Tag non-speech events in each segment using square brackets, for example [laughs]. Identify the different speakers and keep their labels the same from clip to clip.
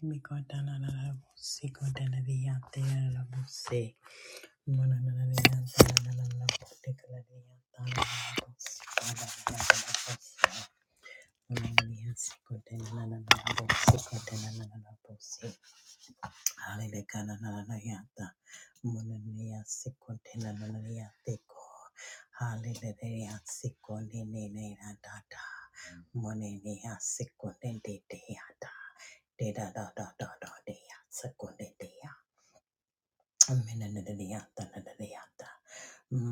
Speaker 1: Mi kota na na na busi kota na diyate na na busi. Mona na na diyante na na na na busi kala diyata na na na busi kala diyata na busi. Mona na diyante kota na na na na busi kota na na na na busi. Hallelujah. Munaniya sikontina nananiya teko. Hallelujah. Sikoninina data. Munaniya sikontin deata. Deda da da Munania sikonte de de yata. De da da dea Minadadiyata nadadiyata.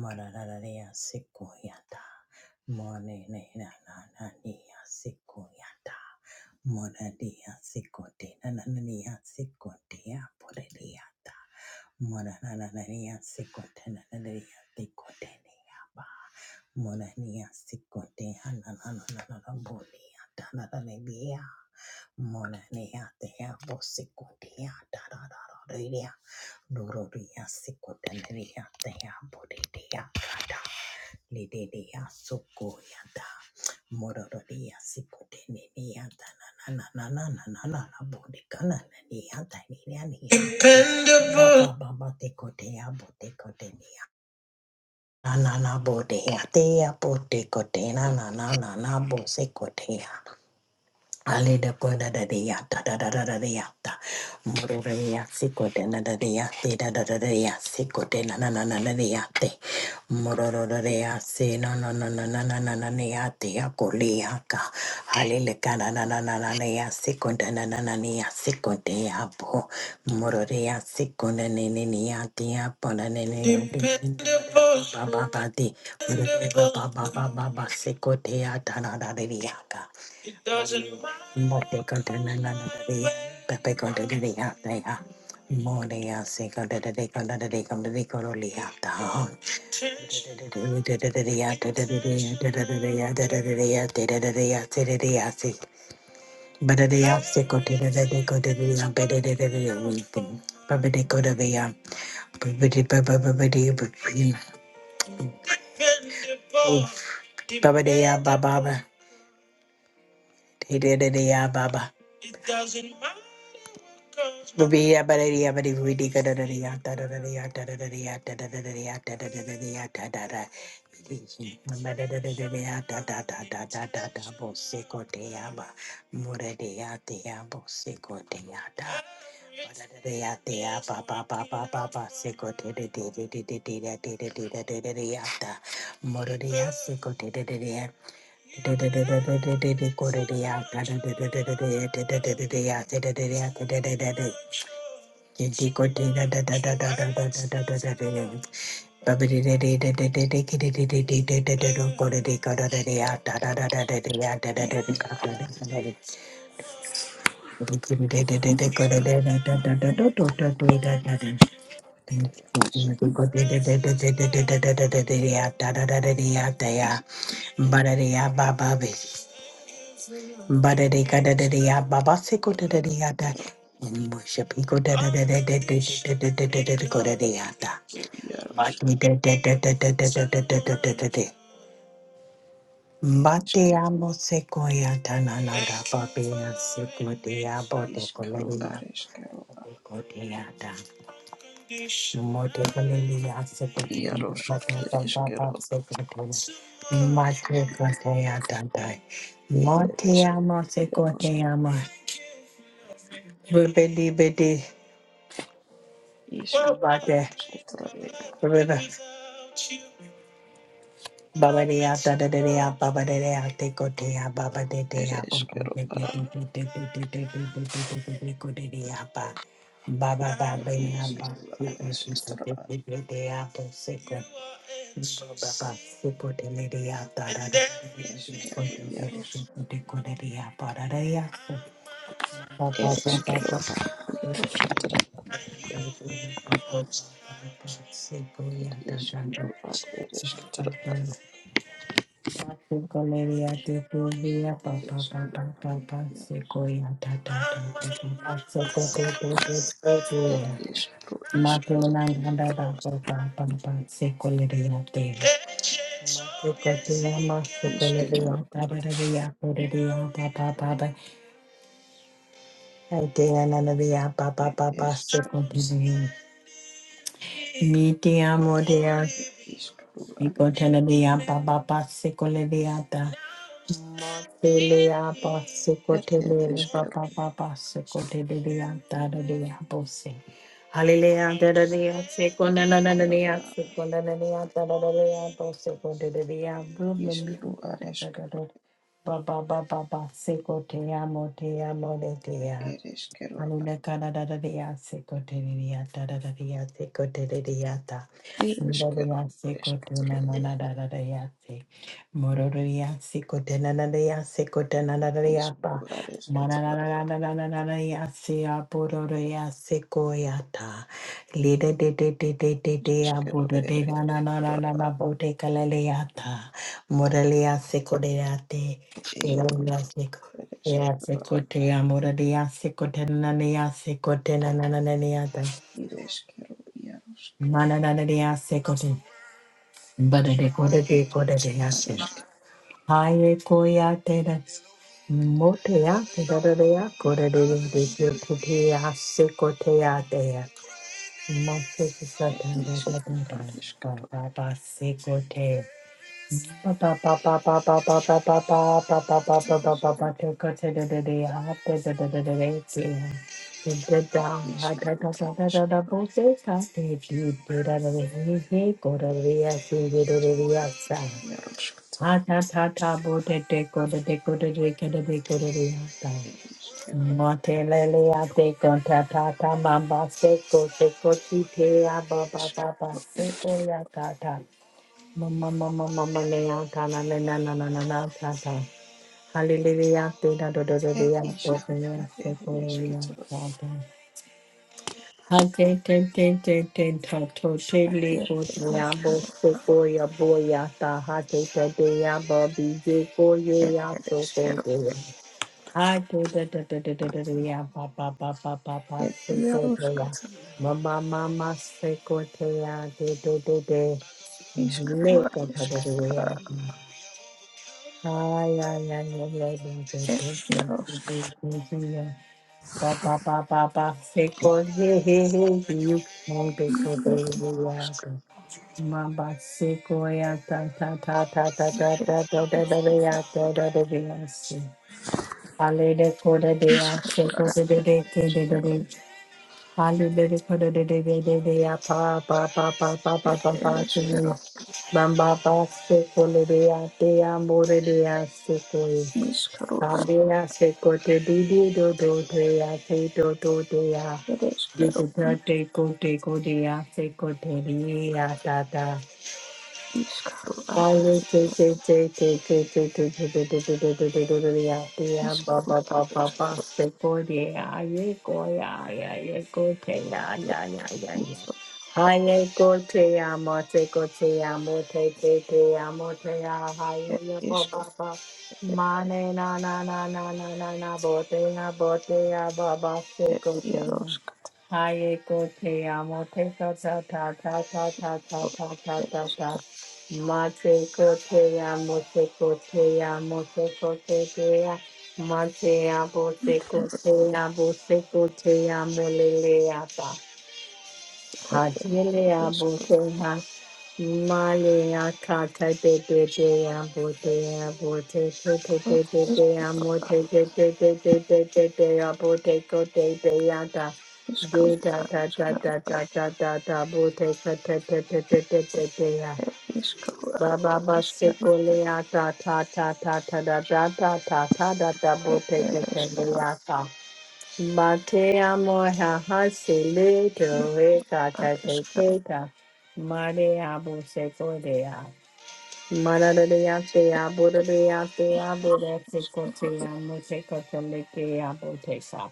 Speaker 1: Madadadadiya sikoyata. Monenenananiya sikoyata. Monadiya sikote nananiya sikoteya podadiyata. Monanananiya sikote nananiya sikoteniya ba, Minanadiyantadadadiyanta. Maradadadiyasikoyanta. Monenenanananiyasikoyanta. Monadiyasikotinananiyasikotiyaporediyanta. Monanananiyasikotenananiyasikoteniyapa. Monaniyasikotihanananananabodiyantadadadiya. Monaniyatiyabosikotiyantanadadadiya. Dororia sikoteneria tea bodedia kata lidedia sukoyada morororia sikoteneria na na na na dependable baba tekotea botekotea na bodea tea botekotea na na na Alida koda da da ya da da da da da da ya da. Moro da ya siko koda na da da ya si da da da da ya si koda na na na na na da ya te. Moro da da da ya si na na na na na na na na na ya te ya koli ya ka. Alile ka na na na na na na ya si koda na na na na ya si koda ya bo. Moro da ya si koda ne ne ne ya te ya po na ne ne ne ne ne ne ne da ba ba ba ba de. Moro da ba ba ba ba ba ba si koda ya da na da da da ya ka. Mbote kontra na na na na dea, pepe kontra de dea dea, monea se kontra de de kontra de de kontra de kontra lea da. Oof. Baba dea baba, de de de dea baba. Rubiya barariya bari vidi karariya tarariya tarariya tarariya tarariya tarara. Barariya ta ta ta ta ta ta ta bosse koteya ba muradiya teya bosse koteya ta. Barariya teya pa pa pa pa pa pa se kote de de de de de de de de de de de de de ya ta. Muradiya se kote de de de ya. Muradiya se kote de de de de de de de de de de de de de ya and
Speaker 2: Ja ereskero
Speaker 1: worship. He go da da da da da da da da da da da da go da da da.
Speaker 2: iaros
Speaker 1: Maki de de de de de de de de de de de de de. Mate
Speaker 2: ereskero
Speaker 1: amo sequoia tananada papia sequoia bote
Speaker 2: iskaro
Speaker 1: coleria
Speaker 2: areskero
Speaker 1: coteata. Mote coleria
Speaker 2: iaros
Speaker 1: sequoia papa
Speaker 2: ereskero
Speaker 1: sequoia. Mate cotea tantai. Mote
Speaker 2: ereskero
Speaker 1: amo
Speaker 2: iaros
Speaker 1: sequoia ama. Ribidi bidi.
Speaker 2: iskaro
Speaker 1: Bate.
Speaker 2: esketoro
Speaker 1: Riba. Baba de ya da da da de ya baba de de ya de go de ya baba de de ya go go
Speaker 2: ereskero
Speaker 1: de de de de de de de de de de de de de de go de de ya ba baba baba ya ba
Speaker 2: iskaro
Speaker 1: se go de so
Speaker 2: aresketoro
Speaker 1: de de de de ya bo se go baba se go de de de ya da da da go de de
Speaker 2: eskero
Speaker 1: de
Speaker 2: iaros
Speaker 1: de de go de de ya ba da da ya baba baba
Speaker 2: ereskero
Speaker 1: baba
Speaker 2: iaros
Speaker 1: se go ya da da
Speaker 2: iskaro ad eresketoro
Speaker 1: da Galeria de Fluvia, papa papa
Speaker 2: ereskero
Speaker 1: papa pa pa pa,
Speaker 2: iaros
Speaker 1: sequoia, ta papa ta ta ta ta, sequoia, ta ta ta ta
Speaker 2: er
Speaker 1: ta,
Speaker 2: iskaro is er
Speaker 1: Matuna, da papa papa pa pa pa pa, sequoia, te. Sequoia, ma
Speaker 2: iskero
Speaker 1: sequoia, ta da da papa papa da da, papa papa pa pa, te na na da, pa pa
Speaker 2: er
Speaker 1: pa pa,
Speaker 2: eskero
Speaker 1: sequoia. Mi te amo, te
Speaker 2: er iskaro
Speaker 1: papa
Speaker 2: ares
Speaker 1: sequoia, pa pa pa, sequoia, Motelia
Speaker 2: er
Speaker 1: Basukotelia
Speaker 2: ereskero
Speaker 1: Papa Papa Sukotelia Tadadia Bose. Hallelujah, Tadadia
Speaker 2: Ereshkigal
Speaker 1: Sekonanania
Speaker 2: a
Speaker 1: Sekonania Tadadia Bosekotelia
Speaker 2: ishkalu areshkalu
Speaker 1: Baba Baba Baba Sekotea Motea
Speaker 2: ed
Speaker 1: Moletea.
Speaker 2: ereshkalu a
Speaker 1: Alula kada da da dia se kote dia da da da dia se kote dia ta.
Speaker 2: ereshkalu
Speaker 1: Mororia se kote
Speaker 2: ereshkalu
Speaker 1: na na na
Speaker 2: ed
Speaker 1: da da dia se. Mororia se kote na na dia se kote na na dia pa.
Speaker 2: ishkalu
Speaker 1: Mana na
Speaker 2: areshkalu
Speaker 1: na na na na na na dia se apororia se koyata. Lide de de de de de de
Speaker 2: ereshkalu
Speaker 1: aburo de na na na
Speaker 2: ereshkalu
Speaker 1: na na
Speaker 2: a
Speaker 1: na bote kalaleata. Mororia se kote te.
Speaker 2: eyaru
Speaker 1: Mororia se kote. Ya
Speaker 2: ereshkalu a
Speaker 1: sekote amora de ya sekote nanaya sekote nanananaya da.
Speaker 2: ereshkalu yarushk
Speaker 1: Manananaya sekote. Bada de
Speaker 2: ad
Speaker 1: koda de koda
Speaker 2: ishkalu
Speaker 1: de ya se.
Speaker 2: areshkalu
Speaker 1: Haye koya te da. Mote ya te da da da
Speaker 2: ed
Speaker 1: ya koda de de de
Speaker 2: yarushk
Speaker 1: de kote ya sekote ya te ya. Mose
Speaker 2: ed
Speaker 1: kisata da da
Speaker 2: ishkalu
Speaker 1: da da.
Speaker 2: areshkalu
Speaker 1: Ba ba ba sekote. Ba ba ba ba ba ba ba ba ba ba ba ba ba ba ba ba ba.
Speaker 2: ereshkalu
Speaker 1: Take a da da da da da da da da da Da da Take the
Speaker 2: ed
Speaker 1: down, da da da
Speaker 2: ishkalu
Speaker 1: da da da da
Speaker 2: areshkalu
Speaker 1: Both sides have to do da. da do
Speaker 2: ish yarushk tad
Speaker 1: Ha ta. ba ba
Speaker 2: ereshkalu
Speaker 1: ba
Speaker 2: ishkalu
Speaker 1: ba ba Motelele Mama mama mama mia kana na na na na na na ta ta. Hallelujah te da do do do do
Speaker 2: ed
Speaker 1: ya to ko
Speaker 2: ishkalu
Speaker 1: ya
Speaker 2: ad
Speaker 1: to ko ya
Speaker 2: ereshkalu
Speaker 1: ta ta. Ha te te te te te ta to te le ko te ya bo so ko ya bo ya ta ha te te te ya bo bi je ko ye
Speaker 2: Ed
Speaker 1: ya
Speaker 2: ed
Speaker 1: to ko
Speaker 2: eskero
Speaker 1: te. Ha te te te te te te te ya pa pa pa pa pa pa
Speaker 2: ed
Speaker 1: so ko te ya.
Speaker 2: iaroskata
Speaker 1: Mama mama se ko te ya te do do do.
Speaker 2: iskaroa
Speaker 1: Leka pa do do
Speaker 2: eskatara
Speaker 1: ya. Ay, ay, ay, ay, ay, ay, ay, ay,
Speaker 2: ed iaros
Speaker 1: ay, ay, ay. Ba, ba, ba, ba, ba. Say, go, hey, hey, hey, you can be good, hey,
Speaker 2: ed
Speaker 1: hey, yeah, but- Ma, ba, say, go, yeah, ta, ta, ta, ta, ta, ta, ta, ta, ta, ta, ta, yeah, ta, ta, ta, ta, yeah, say. Ale, de, go, de, de, yeah, de go,
Speaker 2: ura
Speaker 1: de, de, de, ke, de, de,
Speaker 2: eskero
Speaker 1: de. Ale, de, de, go, de, de, de, de, de, de, yeah, pa, pa, pa, pa, pa, pa,
Speaker 2: ed
Speaker 1: pa,
Speaker 2: ed
Speaker 1: pa, ke, yeah.
Speaker 2: eskero
Speaker 1: Bamba, ba, say, go, de, de, yeah, de, yeah, more, de, yeah, say, go, yeah.
Speaker 2: iskaroa
Speaker 1: Sambia se kote didi do do dea se do do dea.
Speaker 2: ed eskero
Speaker 1: Diputante
Speaker 2: is
Speaker 1: teko kodea se kote dea tata.
Speaker 2: iskaroa
Speaker 1: Mane na na na
Speaker 2: iskaro ed esk
Speaker 1: na na na na botea botea baba
Speaker 2: ed
Speaker 1: secotea.
Speaker 2: iaroskata
Speaker 1: Haye kotea mote ta ta ta ta ta ta ta ta
Speaker 2: ed
Speaker 1: ta ta Mate cotea, mote cotea, mote cotea, matea, bote cotea, bote cotea, moleleata, hatilea,
Speaker 2: esk
Speaker 1: botea, malea, cata, bebea, botea, bote,
Speaker 2: ed
Speaker 1: bebea, mote, bebea, bote, cotea, da da
Speaker 2: iskaroa
Speaker 1: da da
Speaker 2: eskero
Speaker 1: da da da da, bote, cotea,
Speaker 2: ed iskaroa
Speaker 1: Baba, ba
Speaker 2: ed
Speaker 1: ba se
Speaker 2: eskero
Speaker 1: kole ata ta ta ta ta da da da ta ta da da bo
Speaker 2: ed
Speaker 1: te
Speaker 2: ed
Speaker 1: te te le
Speaker 2: eskero
Speaker 1: ata. Ma te amo ha ha se le te
Speaker 2: is
Speaker 1: re ta ta
Speaker 2: ed
Speaker 1: te
Speaker 2: eskero
Speaker 1: te ta. Ma abo se kole a. Ma ra re te a bo re te a bo re se ko te a mo se ko ke a bo te sa.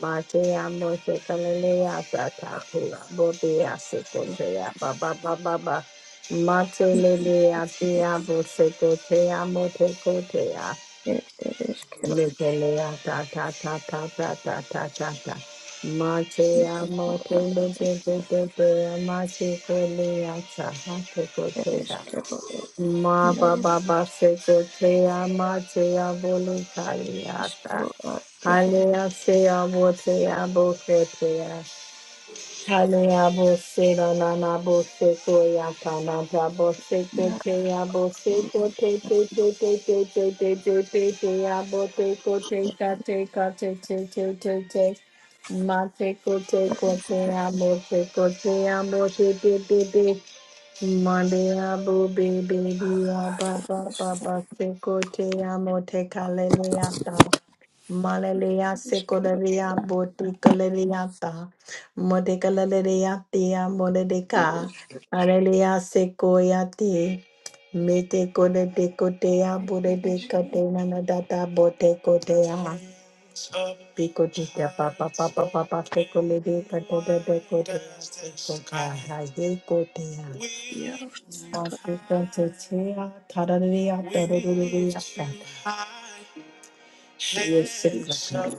Speaker 1: Matea mote kalelea tatatua bodea sekotea baba baba ba
Speaker 2: ed
Speaker 1: matelelea tia bosekotea mote kotea
Speaker 2: ed eskero
Speaker 1: metelea tata tata tata tata tata matea mote bote
Speaker 2: iskaroa
Speaker 1: bote bote mate kolea tata kotea
Speaker 2: ereshkigal,
Speaker 1: ma
Speaker 2: yaros,
Speaker 1: baba ba sekotea matea voluntaria
Speaker 2: iskaro, ar, eres,
Speaker 1: Hallelujah, say I will say I will say prayer. Hallelujah, will say na na na will say to ya ta na ta will say to
Speaker 2: yar,
Speaker 1: te ya will say to te te te te te te te te te te ya will te ko te ka te ka te te te te te ma te ko te ko te ya will te ko te ya will te te te te ma de ya will be be be ya ba ba ba ba te ko te ya will te ka le le ya Malalea
Speaker 2: ereshkero,
Speaker 1: secolarea boticolariata, modecalariatia modedeca,
Speaker 2: ereshk,
Speaker 1: arelea secoiati, metecoda decotea,
Speaker 2: ereshk,
Speaker 1: bodecatena data botecotea, picotica papa papa papa secolidica de decotea, secoca, decotea.
Speaker 2: yaros, ar,
Speaker 1: Masicotea, tararea, tararea, Hallelujah,
Speaker 2: iskaro,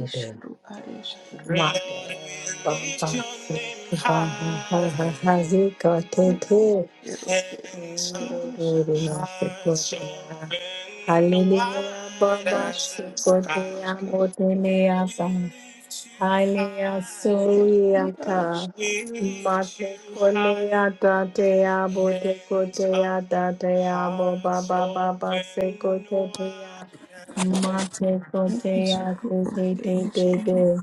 Speaker 2: isharo, areshkero, ereshkero, yaros,
Speaker 1: Baba,
Speaker 2: iskaro, areshkero, er, yaros, iskaro, ar,
Speaker 1: Sikote,
Speaker 2: ereshkero,
Speaker 1: Amotene, Asa. Alea Suriata Mate Koneata Tea Bote Kotea Tatea Boba Baba Base Kotea Mate Kotea Kote Te Te Te te,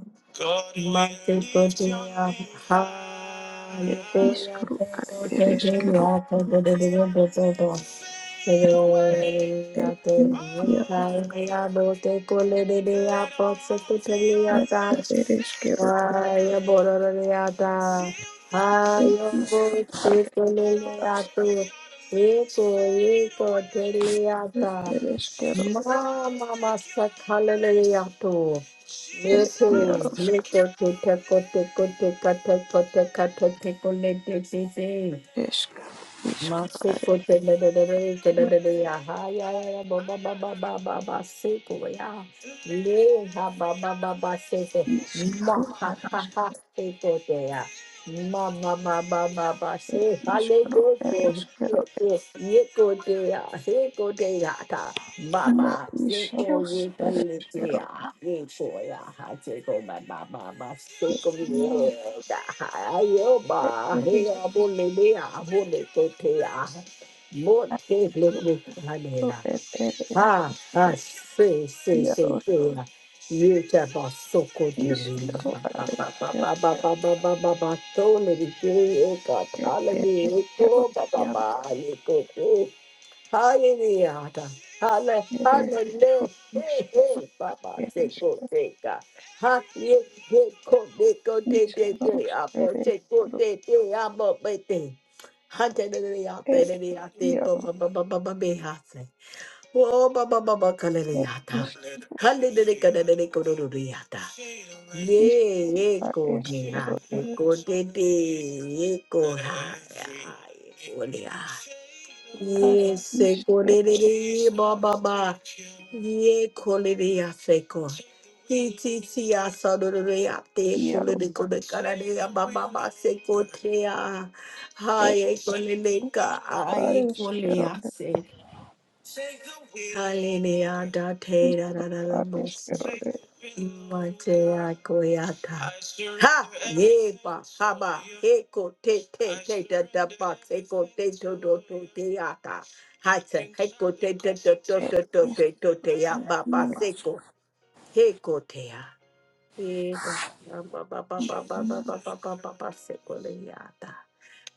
Speaker 1: Mate Kotea Ha
Speaker 2: er,
Speaker 1: Yukoya
Speaker 2: iskaro,
Speaker 1: Te
Speaker 2: ar,
Speaker 1: Kote Te
Speaker 2: ereshkero,
Speaker 1: Yata Bote Bote Bote Bote Bote Bote Bote Bote
Speaker 2: er, ir, yaros,
Speaker 1: Bote Bote
Speaker 2: ar,
Speaker 1: Bote
Speaker 2: ereshkero,
Speaker 1: Ay, borororiata. Ay,
Speaker 2: er, iskaro, ar,
Speaker 1: obotsikoleleato. Eko, eko, teleata.
Speaker 2: ereshkero,
Speaker 1: Mama, masakaleleato.
Speaker 2: ir
Speaker 1: Mete,
Speaker 2: Yarosk,
Speaker 1: mete, teko, teko, teka, teko, teka, teko, lete, tete.
Speaker 2: Eshk,
Speaker 1: Masuko telelelele
Speaker 2: Ishkro,
Speaker 1: telelele ya ha ya ya ya ba ba ba ba ba ba ba suko ya le ha ba ba ba ba se se ma
Speaker 2: Ishkro,
Speaker 1: ha ha
Speaker 2: Arask,
Speaker 1: ha se ko te ya ma ma ma ma ma ba se ha le
Speaker 2: Ishkro,
Speaker 1: go ko
Speaker 2: Ereskero,
Speaker 1: se se ye ko te ya se ko te ya
Speaker 2: Na
Speaker 1: Baba, seko ye
Speaker 2: Isharos,
Speaker 1: palete
Speaker 2: Ereskero,
Speaker 1: ya, ye koya ha seko ba ba ba ba seko
Speaker 2: Yaros,
Speaker 1: ye da ha yo ba he
Speaker 2: Eres,
Speaker 1: abole le abole to te ya, mo te le le ha le
Speaker 2: Akro,
Speaker 1: la,
Speaker 2: Eres,
Speaker 1: ha ha se se se
Speaker 2: Yaros,
Speaker 1: te ya, ye te ba soko te le
Speaker 2: Ishkro,
Speaker 1: na ba ba ba
Speaker 2: Areskero,
Speaker 1: ba ba ba ba ba ba ba to le le te ye ka ta le le
Speaker 2: Ereskero,
Speaker 1: ko ba ba
Speaker 2: Yaros,
Speaker 1: ba le ko te. Hallelujah. Hallelujah.
Speaker 2: Ereskero,
Speaker 1: Hallelujah. Hey,
Speaker 2: Ishkro,
Speaker 1: hey, Papa, say, go,
Speaker 2: Ereskero,
Speaker 1: say, God. Ha, ye, ye, go, de, go, de, de, de,
Speaker 2: Isharos,
Speaker 1: abo, say, go,
Speaker 2: Ereskero,
Speaker 1: de, de, abo, be, de. Hallelujah.
Speaker 2: Eres,
Speaker 1: Hallelujah. Ba, ba,
Speaker 2: Yaros,
Speaker 1: ba, ba, ba, be, ha, say. Oh, Baba Baba Kaleriata.
Speaker 2: Ishkro,
Speaker 1: Hallelujah, Kaleriata, Kaleriata. Ye,
Speaker 2: Ishkro,
Speaker 1: ye, ko, ni, ha, ye,
Speaker 2: Areskero,
Speaker 1: ko, de, de, ye, ko, ha, ya, ye, ko, ni, ha.
Speaker 2: Ar
Speaker 1: Ye, se, ko,
Speaker 2: iske
Speaker 1: de, ye, ba, ba, Ye, ko, le, se, ko. Ti, ti, ti, ya, sa, do, do, do, ya, te, ko, le,
Speaker 2: iaro
Speaker 1: de, ko, de, ka, da, de, ya, ba, ba, se, ko, te, ya. Ha,
Speaker 2: ere
Speaker 1: ye, ko, le, le,
Speaker 2: ar
Speaker 1: ye, ko, le,
Speaker 2: eskero
Speaker 1: se. Hallelujah, da te
Speaker 2: is
Speaker 1: da da da da
Speaker 2: ar
Speaker 1: boss.
Speaker 2: eskero ere
Speaker 1: Imate akoyata. Ha! Ye ba ha haba. Eko te te te da da ba. Eko te to do to te ata. Hatsa. Eko te te to to
Speaker 2: ere
Speaker 1: to to
Speaker 2: eske
Speaker 1: te to te ya ba ba
Speaker 2: iaro
Speaker 1: seko. Eko te ya. Eka. Ba ba ba ba ba ba
Speaker 2: iaro
Speaker 1: ba ba ba ba ba seko le yata.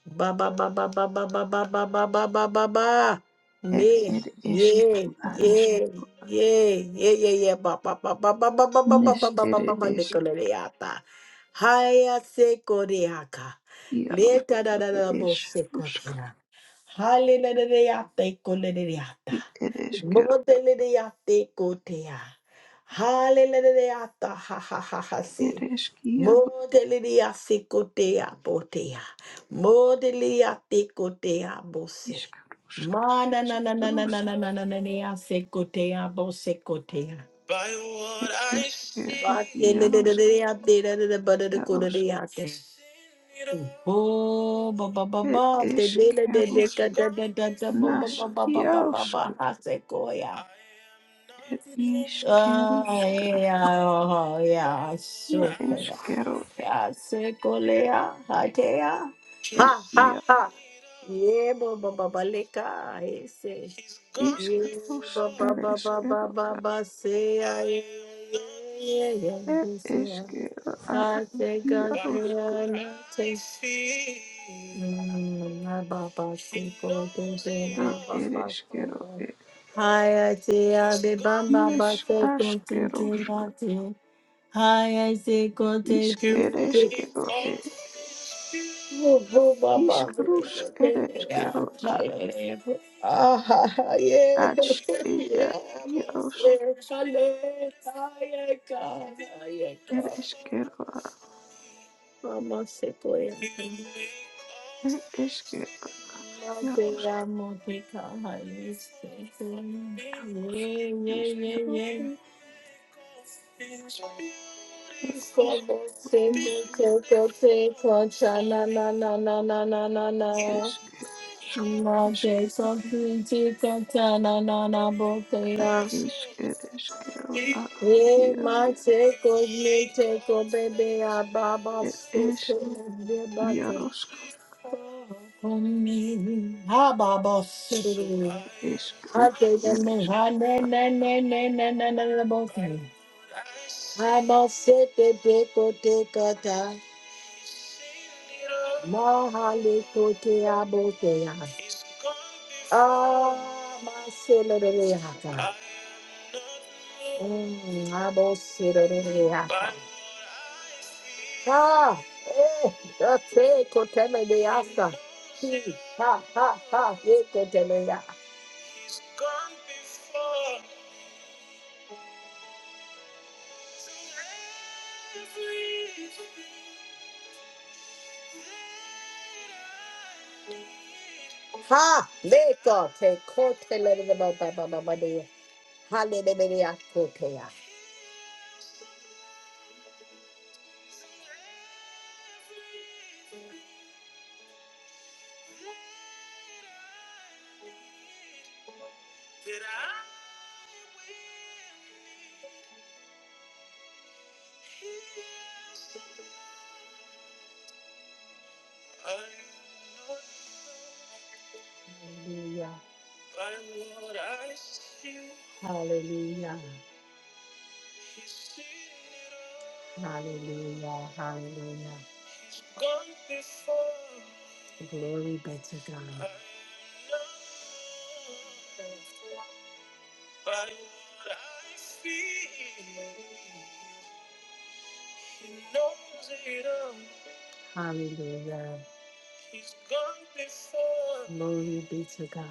Speaker 1: Ba ba ba ba ba ba ba ba ba ba ba ba ba ba.
Speaker 2: ere
Speaker 1: Me.
Speaker 2: ere
Speaker 1: Yeah.
Speaker 2: eskero ar esk
Speaker 1: Yeah. Yeah. Yeah yeah yeah. Ba ba ba ba ba ba ba ba ba ba
Speaker 2: nes
Speaker 1: ba ba
Speaker 2: ere
Speaker 1: ba ba
Speaker 2: esk
Speaker 1: dekoleata. Haya se sekoreaka.
Speaker 2: iaro
Speaker 1: Leta da da da
Speaker 2: ere
Speaker 1: bo
Speaker 2: es
Speaker 1: se
Speaker 2: rusk
Speaker 1: sekotea. Hallelujah, kolereata.
Speaker 2: it ere eskero
Speaker 1: Modelerea te kotea. Hallelujah, ha ha ha ha se.
Speaker 2: ere esk iaro
Speaker 1: Modelerea se kotea potea. Modelia tecotea bose.
Speaker 2: isk rusk
Speaker 1: Mana
Speaker 2: esk
Speaker 1: na na na na na
Speaker 2: rusk
Speaker 1: na na na na na secotea bose cotea. By what
Speaker 2: ere
Speaker 1: I see.
Speaker 2: eskero
Speaker 1: But in the
Speaker 2: iaro
Speaker 1: day I did the butter the
Speaker 2: iaro
Speaker 1: coda the Oh, ba ba ba
Speaker 2: ere
Speaker 1: ba, de de de de
Speaker 2: eskero
Speaker 1: de da da da da da, ba ba
Speaker 2: nas
Speaker 1: ba ba ba ba
Speaker 2: iaro
Speaker 1: ba ba, Hasekoya.
Speaker 2: ere
Speaker 1: Ah,
Speaker 2: iskerusk
Speaker 1: yeah, oh, yeah, sure,
Speaker 2: είναι
Speaker 1: yeah,
Speaker 2: έσκερο
Speaker 1: Hasekolea, Hatea.
Speaker 2: ε
Speaker 1: Ha ha ha. Yeah, ba ba ba ba leka. I say.
Speaker 2: εις
Speaker 1: Yeah,
Speaker 2: καλός
Speaker 1: ba ba ba ba ba
Speaker 2: ερέσκερο
Speaker 1: ba ba say. Yeah, yeah, yeah.
Speaker 2: ε
Speaker 1: He say. um,
Speaker 2: έσκερο α
Speaker 1: I think I can taste. Mm, ah, ba ba si ko te te
Speaker 2: ε
Speaker 1: ah, ba ba so.
Speaker 2: ερέσκερο ε
Speaker 1: Hi, I say I be ba ba ba se ko te te na te. Hi, I say ko te
Speaker 2: εις
Speaker 1: te.
Speaker 2: ερέσκερο ε
Speaker 1: Ah, yeah. Yeah, I'm
Speaker 2: εις
Speaker 1: a
Speaker 2: κρούς ερέσκερο α ατς ια ιαρος
Speaker 1: little child. Ah, yeah, God. Ah, yeah, God.
Speaker 2: ερέσκερο α
Speaker 1: Mama Sequoia.
Speaker 2: ε έσκερο ιαρος
Speaker 1: Mother, Mother, Kahani, sequoia. Yeah, yeah, yeah,
Speaker 2: έσκερο
Speaker 1: yeah.
Speaker 2: ε
Speaker 1: Como
Speaker 2: ερέσκερο
Speaker 1: se
Speaker 2: εις
Speaker 1: coche, coche, concha, na, na, na, na, na, na, na, na.
Speaker 2: έσκερο
Speaker 1: Mother,
Speaker 2: ε
Speaker 1: something, chica, na, na, na, botella.
Speaker 2: Ishq ereshkigal a
Speaker 1: Hey,
Speaker 2: yar
Speaker 1: my take on me, take on baby, I baba so so baby,
Speaker 2: ereshkigaroshk
Speaker 1: on me, ha baba so. I
Speaker 2: ereshkiroshk
Speaker 1: take the man, ha na na na na na na na na both. I must sit the take or take a Mahalikoteabotea. Ah, maseleleaka. Mm, aboseleleaka. Ah, eh, that's kotemeleasa. He, ha, ha, ha, yekotelea. Ha, le kote, kote le de ba ba ba ba ba kotelelebababababadea. Hallelujah. kote ya. Hallelujah. Hallelujah. Hallelujah. Hallelujah. Glory be to God. Hallelujah. Glory be to God.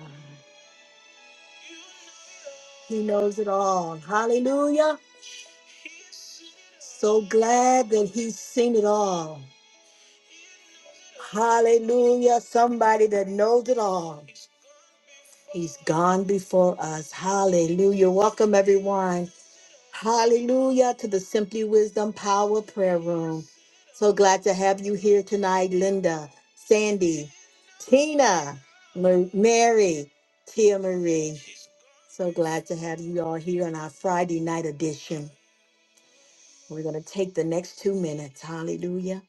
Speaker 1: He knows it all. Hallelujah. So glad that he's seen it all. Hallelujah. Somebody that knows it all. He's gone before us. Hallelujah. Welcome, everyone. Hallelujah to the Simply Wisdom Power Prayer Room. So glad to have you here tonight, Linda, Sandy, Tina, Ma- Mary, Tia Marie. So glad to have you all here on our Friday night edition. We're going to take the next two minutes. Hallelujah.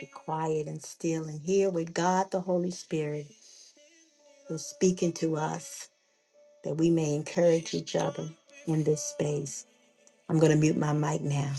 Speaker 1: Be quiet and still and hear with God, the Holy Spirit, who's speaking to us that we may encourage each other in this space. I'm going to mute my mic now.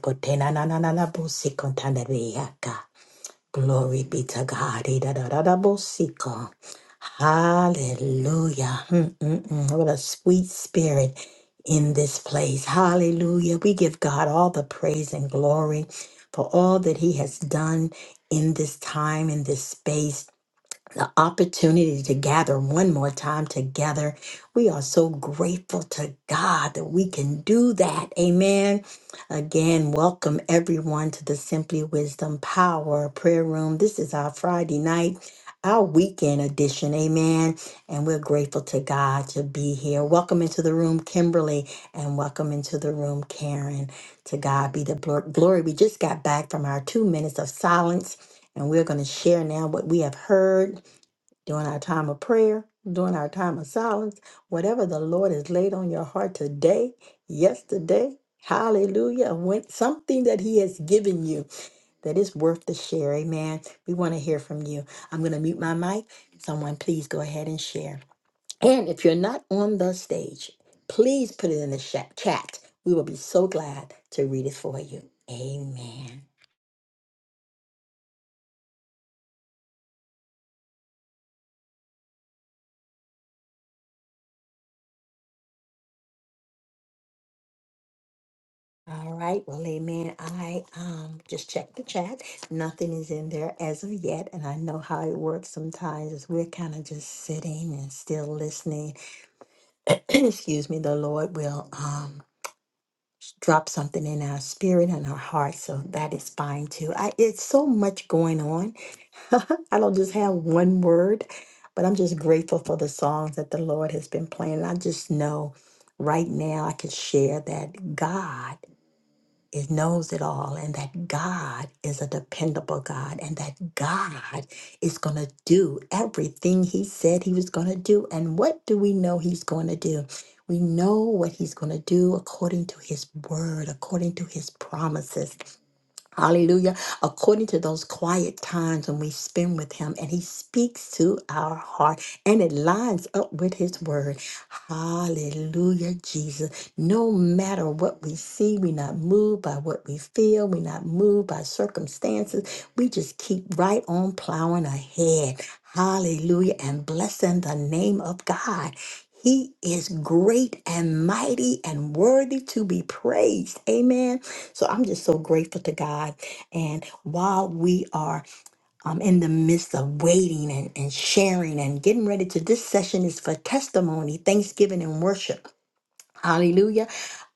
Speaker 1: Kotena na na na na busi kontanda riaka. Glory be to God. Idadadadabosiko. Hallelujah. Mm, mm, mm. What a sweet spirit in this place. Hallelujah. We give God all the praise and glory for all that He has done in this time, in this space the opportunity to gather one more time together. We are so grateful to God that we can do that. Amen. Again, welcome everyone to the Simply Wisdom Power Prayer Room. This is our Friday night, our weekend edition. Amen. And we're grateful to God to be here. Welcome into the room, Kimberly, and welcome into the room, Karen. To God be the blo- glory. We just got back from our two minutes of silence. And we're going to share now what we have heard during our time of prayer, during our time of silence, whatever the Lord has laid on your heart today, yesterday, hallelujah, when, something that He has given you that is worth to share. Amen. We want to hear from you. I'm going to mute my mic. Someone, please go ahead and share. And if you're not on the stage, please put it in the sha- chat. We will be so glad to read it for you. Amen. All right, well, amen. I um just checked the chat. Nothing is in there as of yet, and I know how it works sometimes is we're kind of just sitting and still listening. [clears throat] Excuse me, the Lord will um drop something in our spirit and our heart, so that is fine too. I it's so much going on. [laughs] I don't just have one word, but I'm just grateful for the songs that the Lord has been playing. I just know right now I can share that God it knows it all and that God is a dependable God and that God is going to do everything he said he was going to do. And what do we know he's going to do? We know what he's going to do according to his word, according to his promises. Hallelujah. According to those quiet times when we spend with Him and He speaks to our heart and it lines up with His word. Hallelujah, Jesus. No matter what we see, we're not moved by what we feel, we're not moved by circumstances. We just keep right on plowing ahead. Hallelujah. And blessing the name of God. He is great and mighty and worthy to be praised. Amen. So I'm just so grateful to God. And while we are um, in the midst of waiting and, and sharing and getting ready to, this session is for testimony, thanksgiving, and worship. Hallelujah.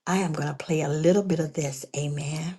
Speaker 1: I am going to play a little bit of this. Amen.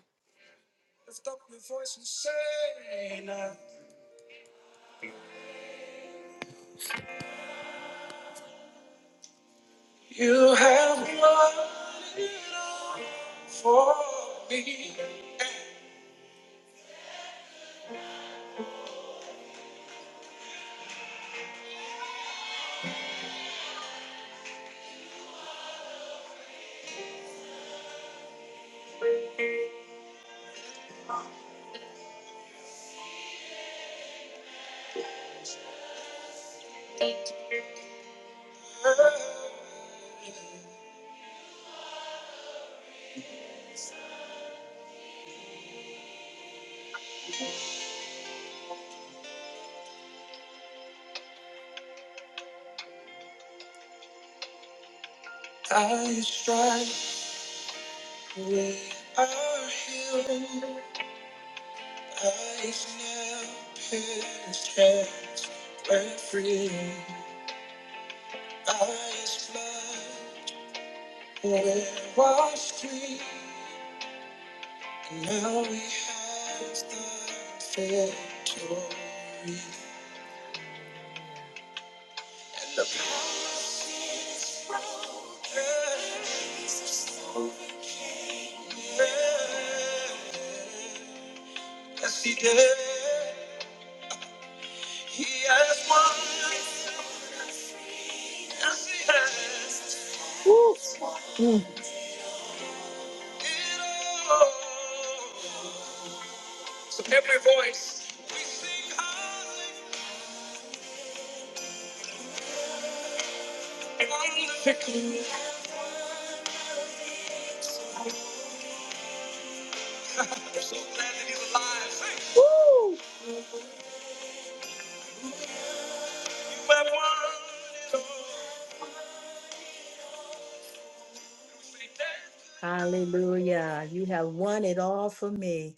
Speaker 1: Mm, Hallelujah. You have won it all for me.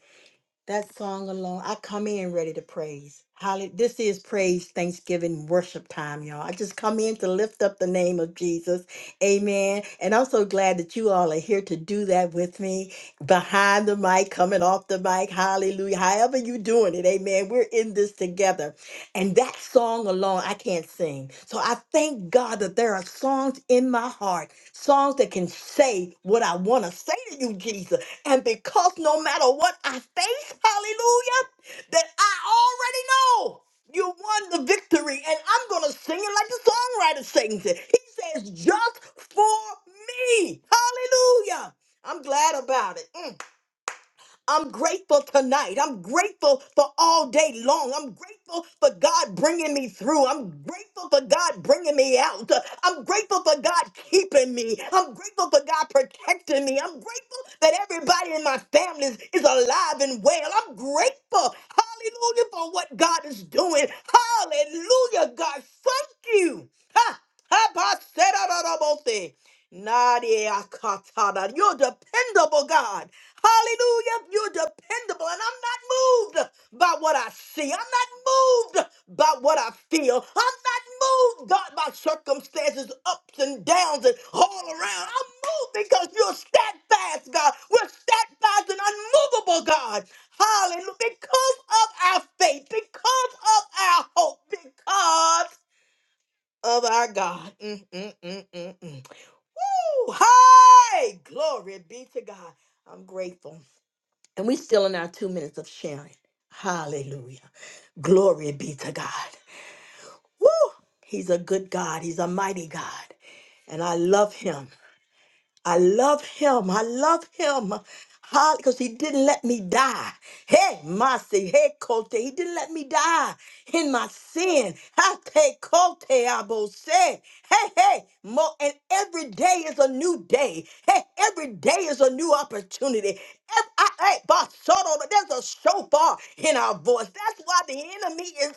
Speaker 1: That song alone, I come in ready to praise. Holly, this is praise, thanksgiving, worship time, y'all. I just come in to lift up the name of Jesus. Amen. And I'm so glad that you all are here to do that with me behind the mic, coming off the mic. Hallelujah. However you doing it, amen. We're in this together. And that song alone, I can't sing. So I thank God that there are songs in my heart, songs that can say what I want to say to you, Jesus. And because no matter what I face, hallelujah, that I already know you won the victory. And I'm going to sing it like the songwriter sings it. He says, just for me. Hallelujah. I'm glad about it. Mm. I'm grateful tonight. I'm grateful for all day long. I'm grateful for God bringing me through. I'm grateful for God bringing me out. I'm grateful for God keeping me. I'm grateful for God protecting me. I'm grateful that everybody in my family is, is alive and well. I'm grateful. Hallelujah for what God is doing. Hallelujah, God. Thank you. Ha! Ha! ba, se, da, da, da, bo, se. Nadia Katana, you're dependable, God. Hallelujah. You're dependable. And I'm not moved by what I see. I'm not moved by what I feel. I'm not moved, God, by circumstances, ups and downs, and all around. I'm moved because you're steadfast, God. We're steadfast and unmovable, God. Hallelujah. Because of our faith, because of our hope, because of our God. Mm, mm, mm, mm, mm. Woo! Hey! Glory be to God. I'm grateful. And we still in our two minutes of sharing. Hallelujah. Glory be to God. Woo! He's a good God. He's a mighty God. And I love him. I love him. I love him. Because he didn't let me die. Hey, Masi, hey, Kote. He didn't let me die in my sin. Hate Kote Abose. Hey, hey. Mo, and every day is a new day. Hey, every day is a new opportunity. Ev- I, hey, Basoto, there's a shofar in our voice. That's why the enemy he is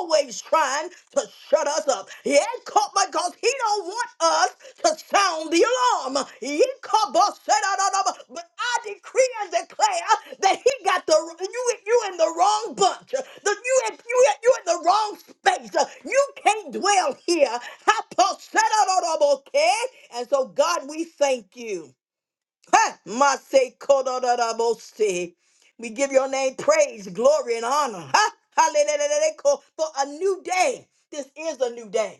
Speaker 1: always trying to shut us up. He ain't caught because he don't want us to sound the alarm. He ain't caught us, said, "I don't know," But I decree and declare that he got the you you in the wrong bunch. The, you in- you in- you in the wrong space. You can't dwell here. I boss, said, "I don't know," Okay, and so God, we thank you. Ha! Mase kodododabose. We give your name praise, glory, and honor. Ha! Hallelujah. For a new day. This is a new day.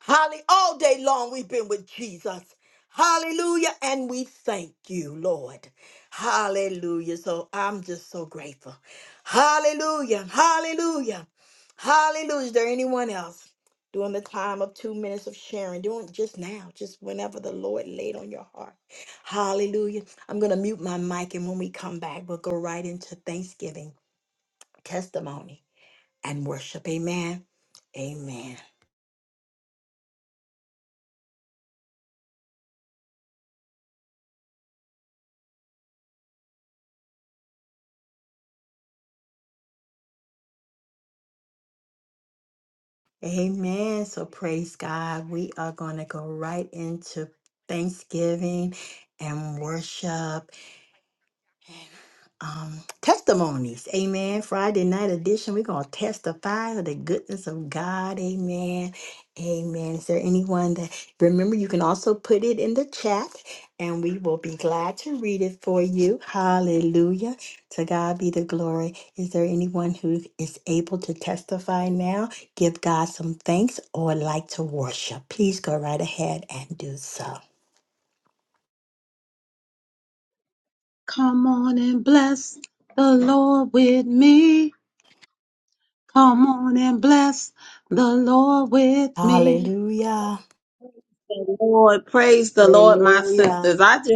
Speaker 1: Holly, all day long we've been with Jesus. Hallelujah. And we thank you, Lord. Hallelujah. So I'm just so grateful. Hallelujah. Hallelujah. Hallelujah. Is there anyone else during the time of two minutes of sharing? Doing just now, just whenever the Lord laid on your heart. Hallelujah. I'm going to mute my mic. And when we come back, we'll go right into Thanksgiving, testimony, and worship. Amen. Amen. Amen. So praise God. We are going to go right into Thanksgiving and worship um, testimonies. Amen. Friday night edition. We're going to testify of the goodness of God. Amen. Amen. Is there anyone that remember you can also put it in the chat and we will be glad to read it for you. Hallelujah. To God be the glory. Is there anyone who is able to testify now? Give God some thanks or like to worship. Please go right ahead and do so.
Speaker 3: Come on and bless the Lord with me. Come on and bless the Lord with me.
Speaker 1: Hallelujah.
Speaker 3: The Lord, praise the Lord, my
Speaker 1: Hallelujah.
Speaker 3: sisters. I just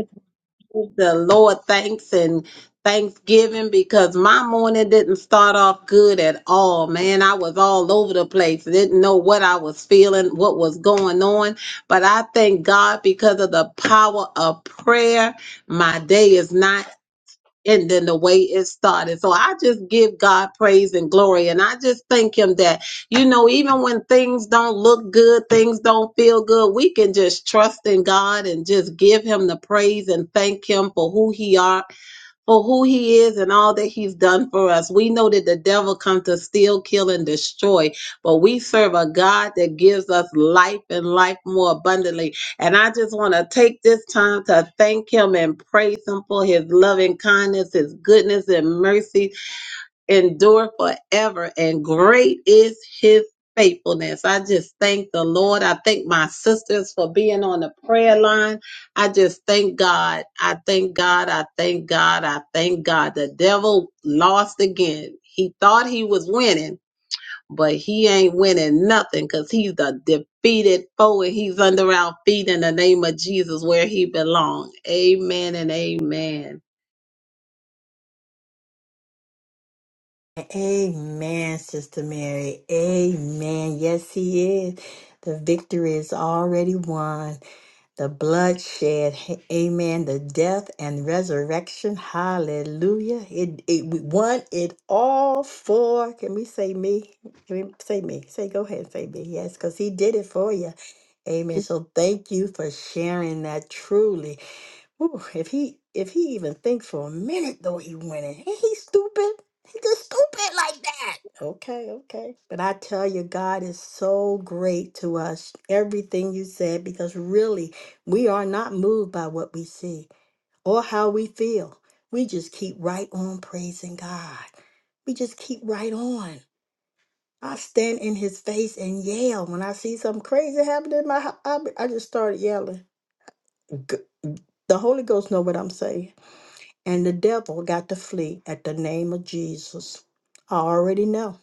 Speaker 3: give the Lord thanks and thanksgiving because my morning didn't start off good at all, man. I was all over the place, didn't know what I was feeling, what was going on. But I thank God because of the power of prayer, my day is not and then the way it started. So I just give God praise and glory. And I just thank Him that, you know, even when things don't look good, things don't feel good, we can just trust in God and just give Him the praise and thank Him for who He are for who he is and all that he's done for us. We know that the devil comes to steal, kill, and destroy, but we serve a God that gives us life and life more abundantly. And I just want to take this time to thank him and praise him for his loving kindness, his goodness, and mercy endure forever, and great is his faithfulness. I just thank the Lord. I thank my sisters for being on the prayer line. I just thank God. I thank God. I thank God. I thank God. The devil lost again. He thought he was winning, but he ain't winning nothing because he's a defeated foe and he's under our feet in the name of Jesus where he belongs. Amen and amen.
Speaker 1: Amen, Sister Mary. Amen. Yes, he is. The victory is already won. The bloodshed, Hey, amen. The death and resurrection, hallelujah. It, it we won it all for. Can we say me? Can we say me? Say, go ahead and say me. Yes, because he did it for you. Amen. So thank you for sharing that truly. Ooh, if he if he even thinks for a minute though he winning, ain't he stupid? He just stupid like that. Okay, okay. But I tell you, God is so great to us. Everything you said, because really we are not moved by what we see or how we feel. We just keep right on praising God. We just keep right on. I stand in His face and yell when I see something crazy happening in my house. I, I just started yelling. G- The Holy Ghost know what I'm saying and the devil got to flee at the name of Jesus. I already know.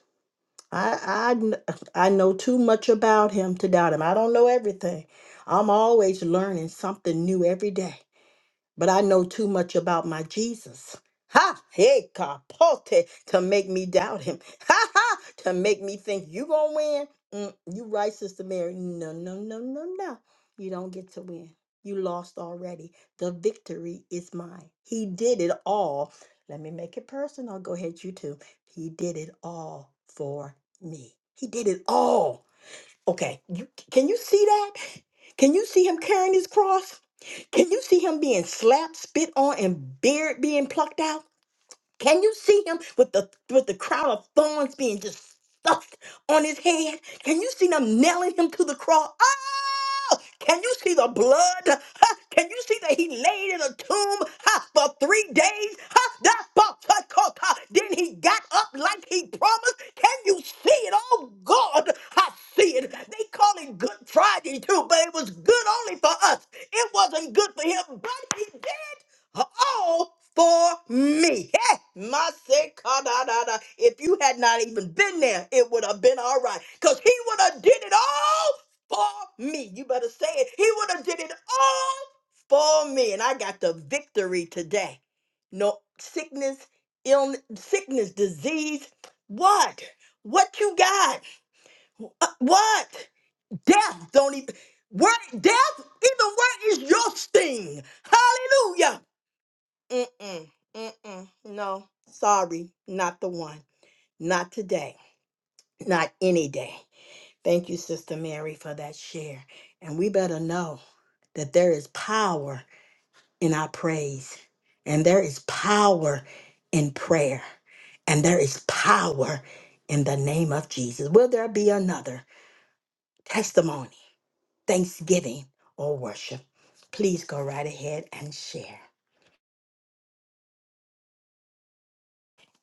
Speaker 1: I, I kn- I know too much about him to doubt him. I don't know everything. I'm always learning something new every day but I know too much about my Jesus. Ha! Hey, capote to make me doubt him. [laughs] Ha ha! To make me think you gonna win. Mm, you right, Sister Mary. No, no, no, no, no. You don't get to win. You lost already. The victory is mine. He did it all. Let me make it personal. Go ahead, you too. He did it all for me. He did it all. Okay, you, can you see that? Can you see him carrying his cross? Can you see him being slapped, spit on, and beard being plucked out? Can you see him with the with the crown of thorns being just stuffed on his head? Can you see them nailing him to the cross? Oh! Can you see the blood? Huh? Can you see that he laid in a tomb huh, for three days? Huh? That box, huh, co- co- then he got up like he promised. Can you see it? Oh God, I see it. They call it Good Friday too, but it was good only for us. It wasn't good for him, but he did all for me. Hey, my say, ka, da, da, da. If you had not even been there, it would have been all right. Because he would have did it all for me. You better say it. He would have did it all for me. And I got the victory today. No sickness, illness, sickness, disease. What? What you got? Uh, What? Death don't even. Where death? Even where is your sting? Hallelujah. Mm-mm, mm-mm, no, sorry, not the one. Not today, not any day. Thank you, Sister Mary, for that share. And we better know that there is power in our praise, and there is power in prayer, and there is power in the name of Jesus. Will there be another testimony, thanksgiving, or worship? Please go right ahead and share.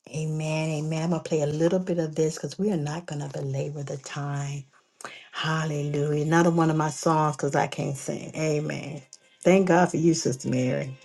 Speaker 1: Amen, amen. I'm gonna play a little bit of this because we are not gonna belabor the time. Hallelujah. Another one of my songs because I can't sing. Amen. Thank God for you, Sister Mary.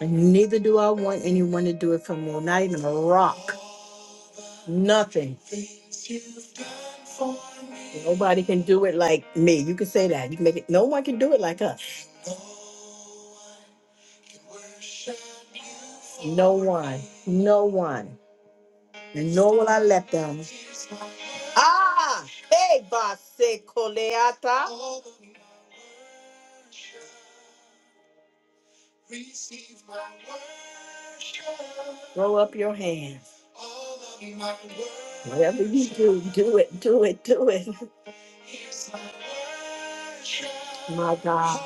Speaker 1: And neither do I want anyone to do it for me. Not even a rock. Nothing. Nobody can do it like me. You can say that. You can make it. No one can do it like us. No one. No one. and nor will I let them. Ah, hey, Base Coleata. Throw up your hands. Whatever you do, do it, do it, do it. [laughs] My God.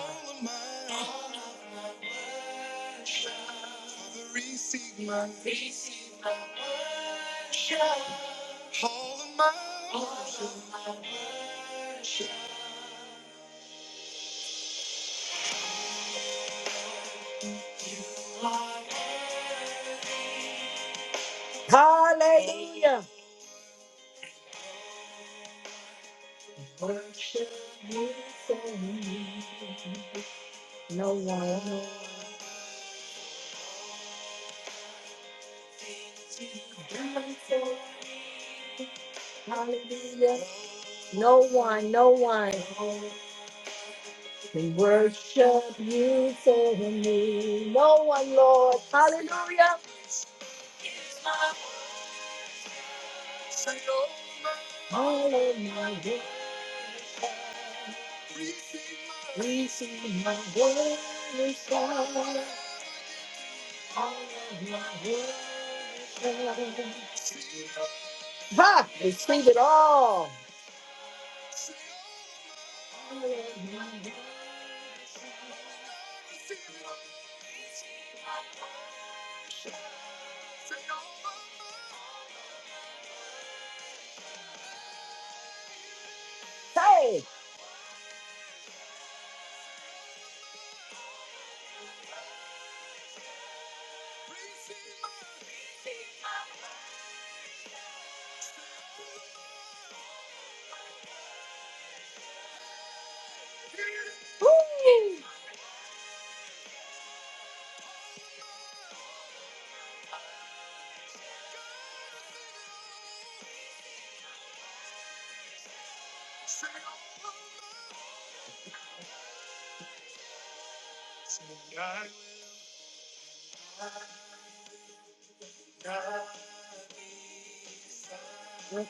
Speaker 1: Hallelujah. Worship you for me. No one. Hallelujah. No one, no one can worship you for me. No one, Lord. Hallelujah. All of my worship, receive my worship. All of my worship. Ha! Receive it all. Hey.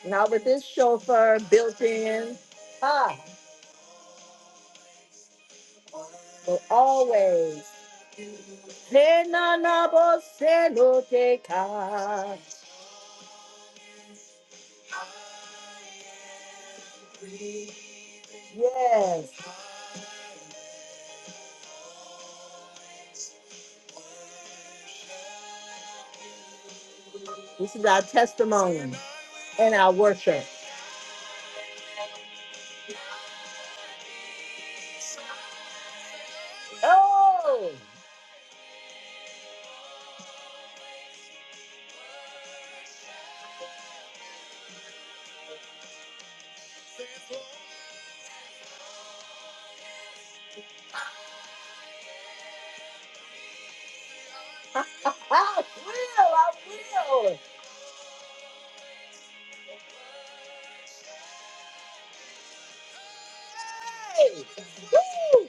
Speaker 1: Now with this chauffeur built in, ah, will always. Yes, this is our testimony and our worship. Oh, [laughs] I will, I will. Hey, woo,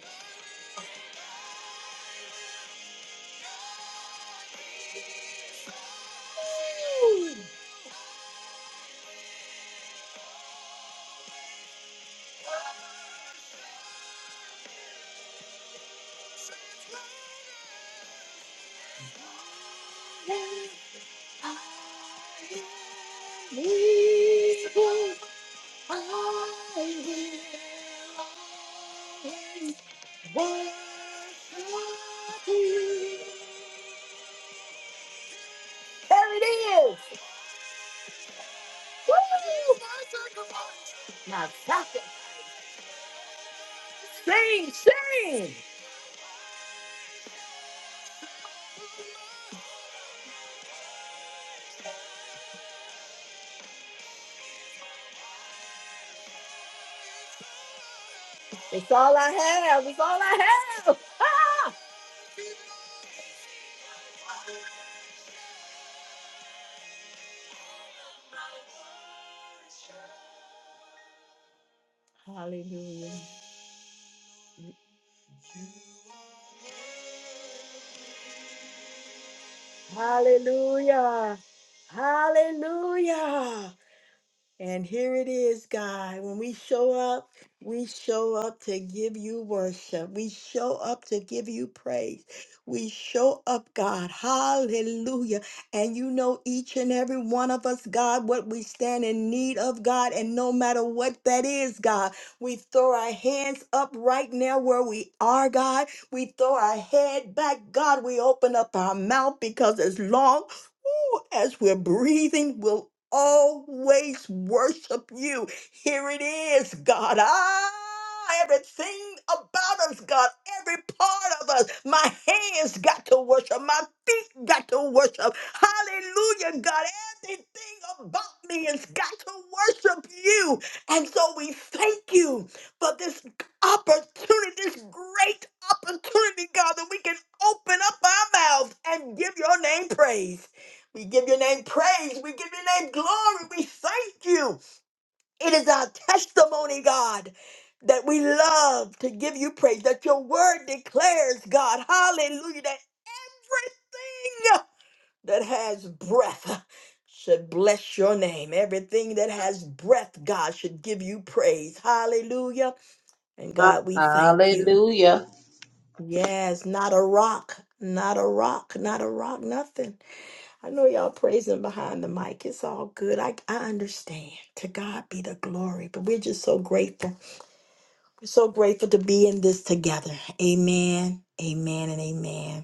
Speaker 1: woo. We will, I will worship you. There it is. Woo! My pocket. Sing, sing. It's all I have. It's all I have. [laughs] Ah! Hallelujah. Hallelujah. Hallelujah. And here it is, God. When we show up, we show up to give you worship. We show up to give you praise. We show up, God. Hallelujah. And you know, each and every one of us, God, what we stand in need of, God. And no matter what that is, God, we throw our hands up right now where we are, God. We throw our head back, God. We open up our mouth because it's long. Ooh, as we're breathing, we'll always worship you. Here it is, God. Ah, everything about us, God, every part of us. My hands got to worship, my feet got to worship. Hallelujah, God. Everything about me has got to worship you. And so we thank you for this opportunity, this great opportunity, God, that we can open up our mouths and give your name praise. We give your name praise. We give your name glory. We thank you. It is our testimony, God, that we love to give you praise, that your word declares, God, hallelujah, that everything that has breath should bless your name. Everything that has breath, God, should give you praise. Hallelujah. And God, we thank you.
Speaker 3: Hallelujah.
Speaker 1: Yes, not a rock, not a rock, not a rock, nothing. I know y'all praising behind the mic. It's all good. I, I understand. To God be the glory. But we're just so grateful. We're so grateful to be in this together. Amen. Amen and amen.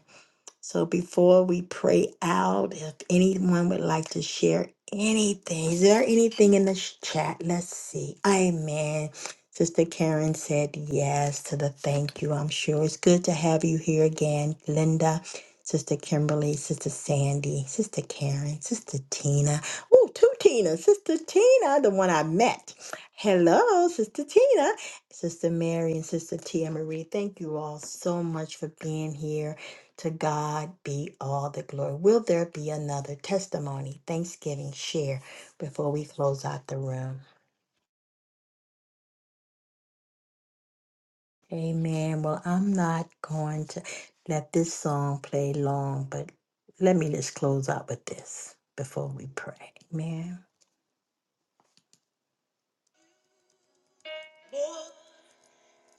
Speaker 1: So before we pray out, if anyone would like to share anything, is there anything in the sh- chat? Let's see. Amen. Sister Karen said yes to the thank you. I'm sure it's good to have you here again, Linda. Sister Kimberly, Sister Sandy, Sister Karen, Sister Tina. Oh, two Tinas. Sister Tina, the one I met. Hello, Sister Tina, Sister Mary, and Sister Tia Marie. Thank you all so much for being here. To God be all the glory. Will there be another testimony, thanksgiving, share before we close out the room? Amen. Well, I'm not going to let this song play long, but let me just close out with this before we pray. Amen.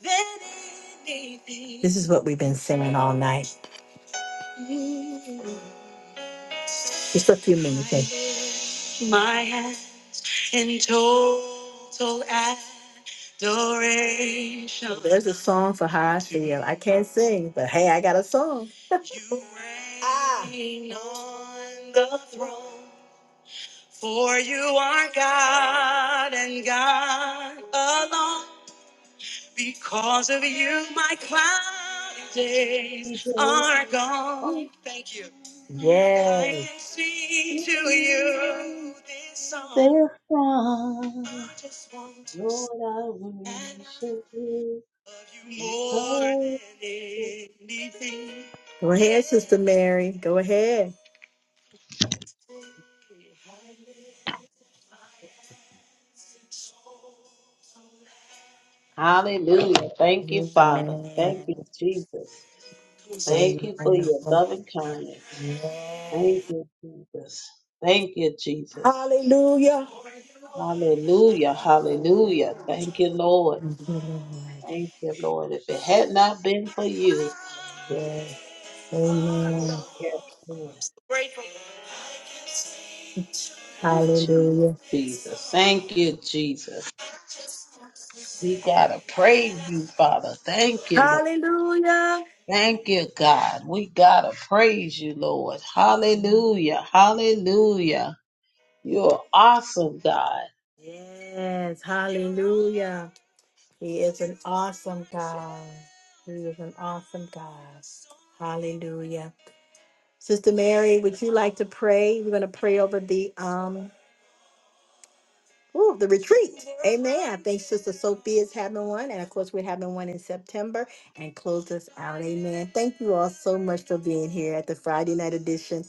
Speaker 1: This is what we've been singing all night. Just a few minutes. adoration. There's a song for how I feel. I can't sing, but hey, I got a song. [laughs] You reign on the throne.
Speaker 3: they from
Speaker 1: Yes. I can sing to you this song.
Speaker 3: Lord, I worship you because. of-
Speaker 1: Go ahead, Sister Mary. Go ahead.
Speaker 3: Hallelujah. Thank you, Father. Thank you,
Speaker 1: Amen.
Speaker 3: Jesus. Thank you for your loving kindness. Thank you, Jesus. Thank you, Jesus.
Speaker 1: Hallelujah.
Speaker 3: Hallelujah. Hallelujah. Thank you, Lord. Thank you, Lord. If it had not been for you,
Speaker 1: Yes.
Speaker 3: oh,
Speaker 1: Amen.
Speaker 3: yes, Lord. Thank you,
Speaker 1: Hallelujah.
Speaker 3: Jesus. Thank you, Jesus. We gotta praise you, Father. Thank you, Lord.
Speaker 1: Hallelujah.
Speaker 3: Thank you, God. We gotta praise you, Lord. Hallelujah. Hallelujah. You're awesome, God.
Speaker 1: Yes, hallelujah. He is an awesome God. He is an awesome God. Hallelujah. Sister Mary, would you like to pray? We're going to pray over the um ooh, the retreat. Amen. I think Sister Sophia is having one. And of course, we're having one in September and close us out. Amen. Thank you all so much for being here at the Friday night edition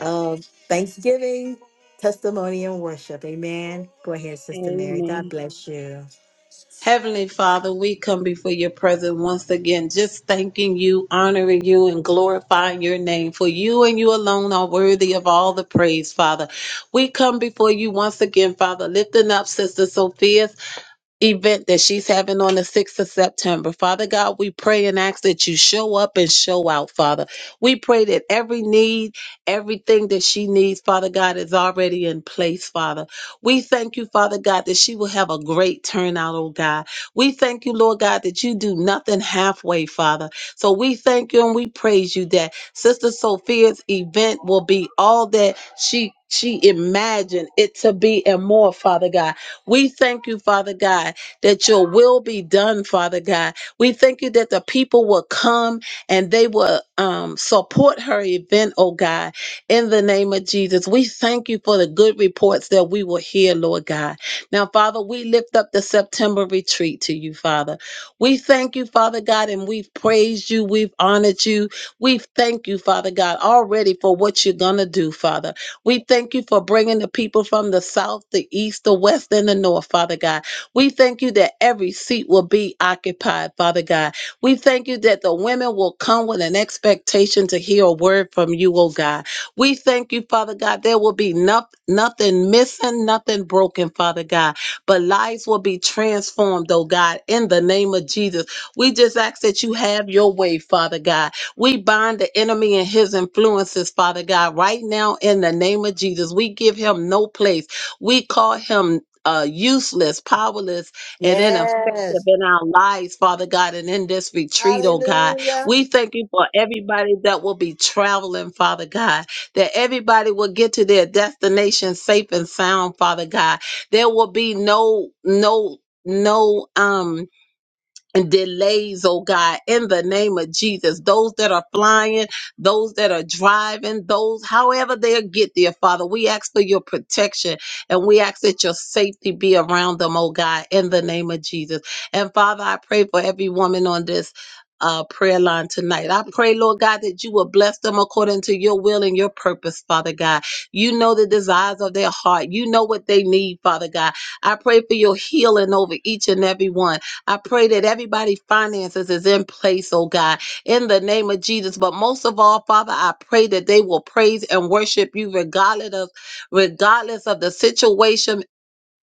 Speaker 1: of Thanksgiving, Testimony, and Worship. Amen. Go ahead, Sister Mary. God
Speaker 3: Amen.
Speaker 1: bless you.
Speaker 3: Heavenly Father, we come before your presence once again, just thanking you, honoring you, and glorifying your name. For you and you alone are worthy of all the praise, Father. We come before you once again, Father, lifting up Sister Sophia. event that she's having on the 6th of September. Father God, we pray and ask that you show up and show out, Father. We pray that every need, everything that she needs, Father God, is already in place, Father. We thank you, Father God, that she will have a great turnout, oh God. We thank you, Lord God, that you do nothing halfway, Father. So we thank you and we praise you that Sister Sophia's event will be all that she she imagined it to be and more, Father God. We thank you, Father God, that your will be done, Father God. We thank you that the people will come and they will um, support her event, oh God, in the name of Jesus. We thank you for the good reports that we will hear, Lord God. Now, Father, we lift up the September retreat to you, Father. We thank you, Father God, and we've praised you, we've honored you. We thank you, Father God, already for what you're going to do, Father. We thank you for bringing the people from the south, the east, the west, and the north, Father God. We thank you that every seat will be occupied, Father God. We thank you that the women will come with an expectation to hear a word from you, oh God. We thank you, Father God, there will be no- nothing missing, nothing broken, Father God, but lives will be transformed, oh God, in the name of Jesus. We just ask that you have your way, Father God we bind the enemy and his influences, Father God, right now in the name of Jesus. We give him no place. We call him uh, useless, powerless, and ineffective
Speaker 1: Yes.
Speaker 3: in our lives, Father God, and in this retreat, oh God.
Speaker 1: Hallelujah.
Speaker 3: We thank you for everybody that will be traveling, Father God, that everybody will get to their destination safe and sound, Father God. There will be no, no, no, um, delays, oh God, in the name of Jesus. Those that are flying, those that are driving, those, however they'll get there, Father, we ask for your protection and we ask that your safety be around them, oh God, in the name of Jesus. And Father, I pray for every woman on this. Uh, prayer line tonight. I pray, Lord God, that you will bless them according to your will and your purpose, Father God. You know the desires of their heart. You know what they need, Father God. I pray for your healing over each and every one. I pray that everybody's finances is in place, oh God, in the name of Jesus. But most of all, Father, I pray that they will praise and worship you regardless of regardless of the situation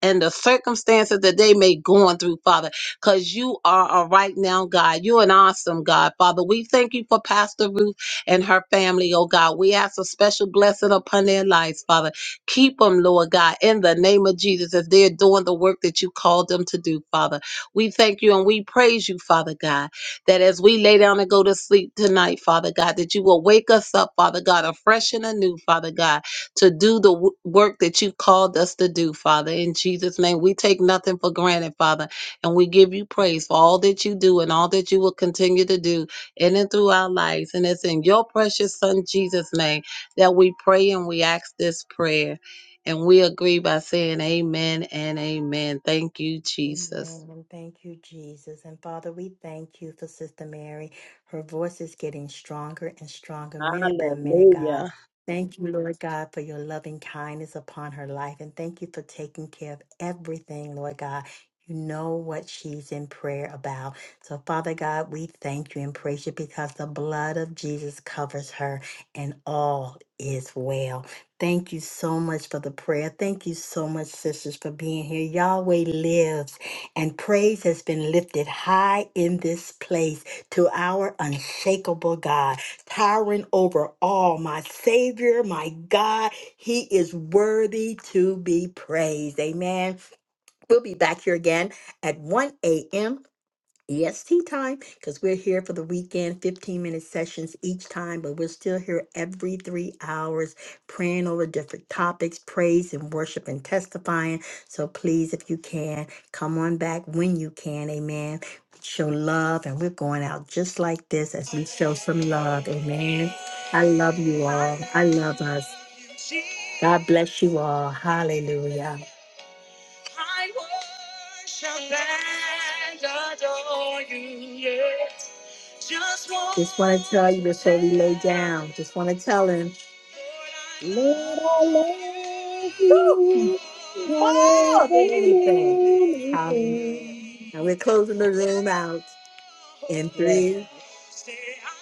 Speaker 3: and the circumstances that they may going through, Father, because you are a right now God. You're an awesome God, Father. We thank you for Pastor Ruth and her family, oh God. We ask a special blessing upon their lives, Father. Keep them, Lord God, in the name of Jesus, as they're doing the work that you called them to do, Father. We thank you and we praise you, Father God, that as we lay down and go to sleep tonight, Father God, that you will wake us up, Father God, afresh and anew, Father God to do the w- work that you called us to do, Father. In Jesus' name, we take nothing for granted, Father, and we give you praise for all that you do and all that you will continue to do in and through our lives. And it's in your precious Son, Jesus' name, that we pray and we ask this prayer. And we agree by saying amen and amen. Thank you, Jesus.
Speaker 1: Amen. And Thank you, Jesus. And Father, we thank you for Sister Mary. Her voice is getting stronger and stronger minute by minute, God.
Speaker 3: Hallelujah.
Speaker 1: Thank you, Lord God, for your loving kindness upon her life. And thank you for taking care of everything, Lord God. You know what she's in prayer about. So, Father God, we thank you and praise you because the blood of Jesus covers her and all is well. Thank you so much for the prayer. Thank you so much, sisters, for being here. Yahweh lives. And praise has been lifted high in this place to our unshakable God, towering over all. My Savior, my God, He is worthy to be praised. Amen. We'll be back here again at 1 a.m. EST time because we're here for the weekend, 15 minute sessions each time, but we're still here every three hours praying over different topics, praise and worship and testifying. So please, if you can, come on back when you can. Amen. Show love, and we're going out just like this as we show some love. Amen. I love you all. I love us. God bless you all. Hallelujah. Just want to tell you before we lay down. Just want to tell him.
Speaker 3: Lord, I love
Speaker 1: Woo!
Speaker 3: you
Speaker 1: More than anything.
Speaker 3: more than
Speaker 1: Hallelujah.
Speaker 3: anything.
Speaker 1: Now we're closing the room out in
Speaker 3: Yes.
Speaker 1: three,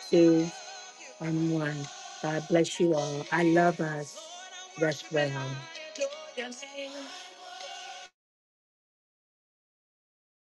Speaker 1: two, and one. God bless you all. I love us. Rest well.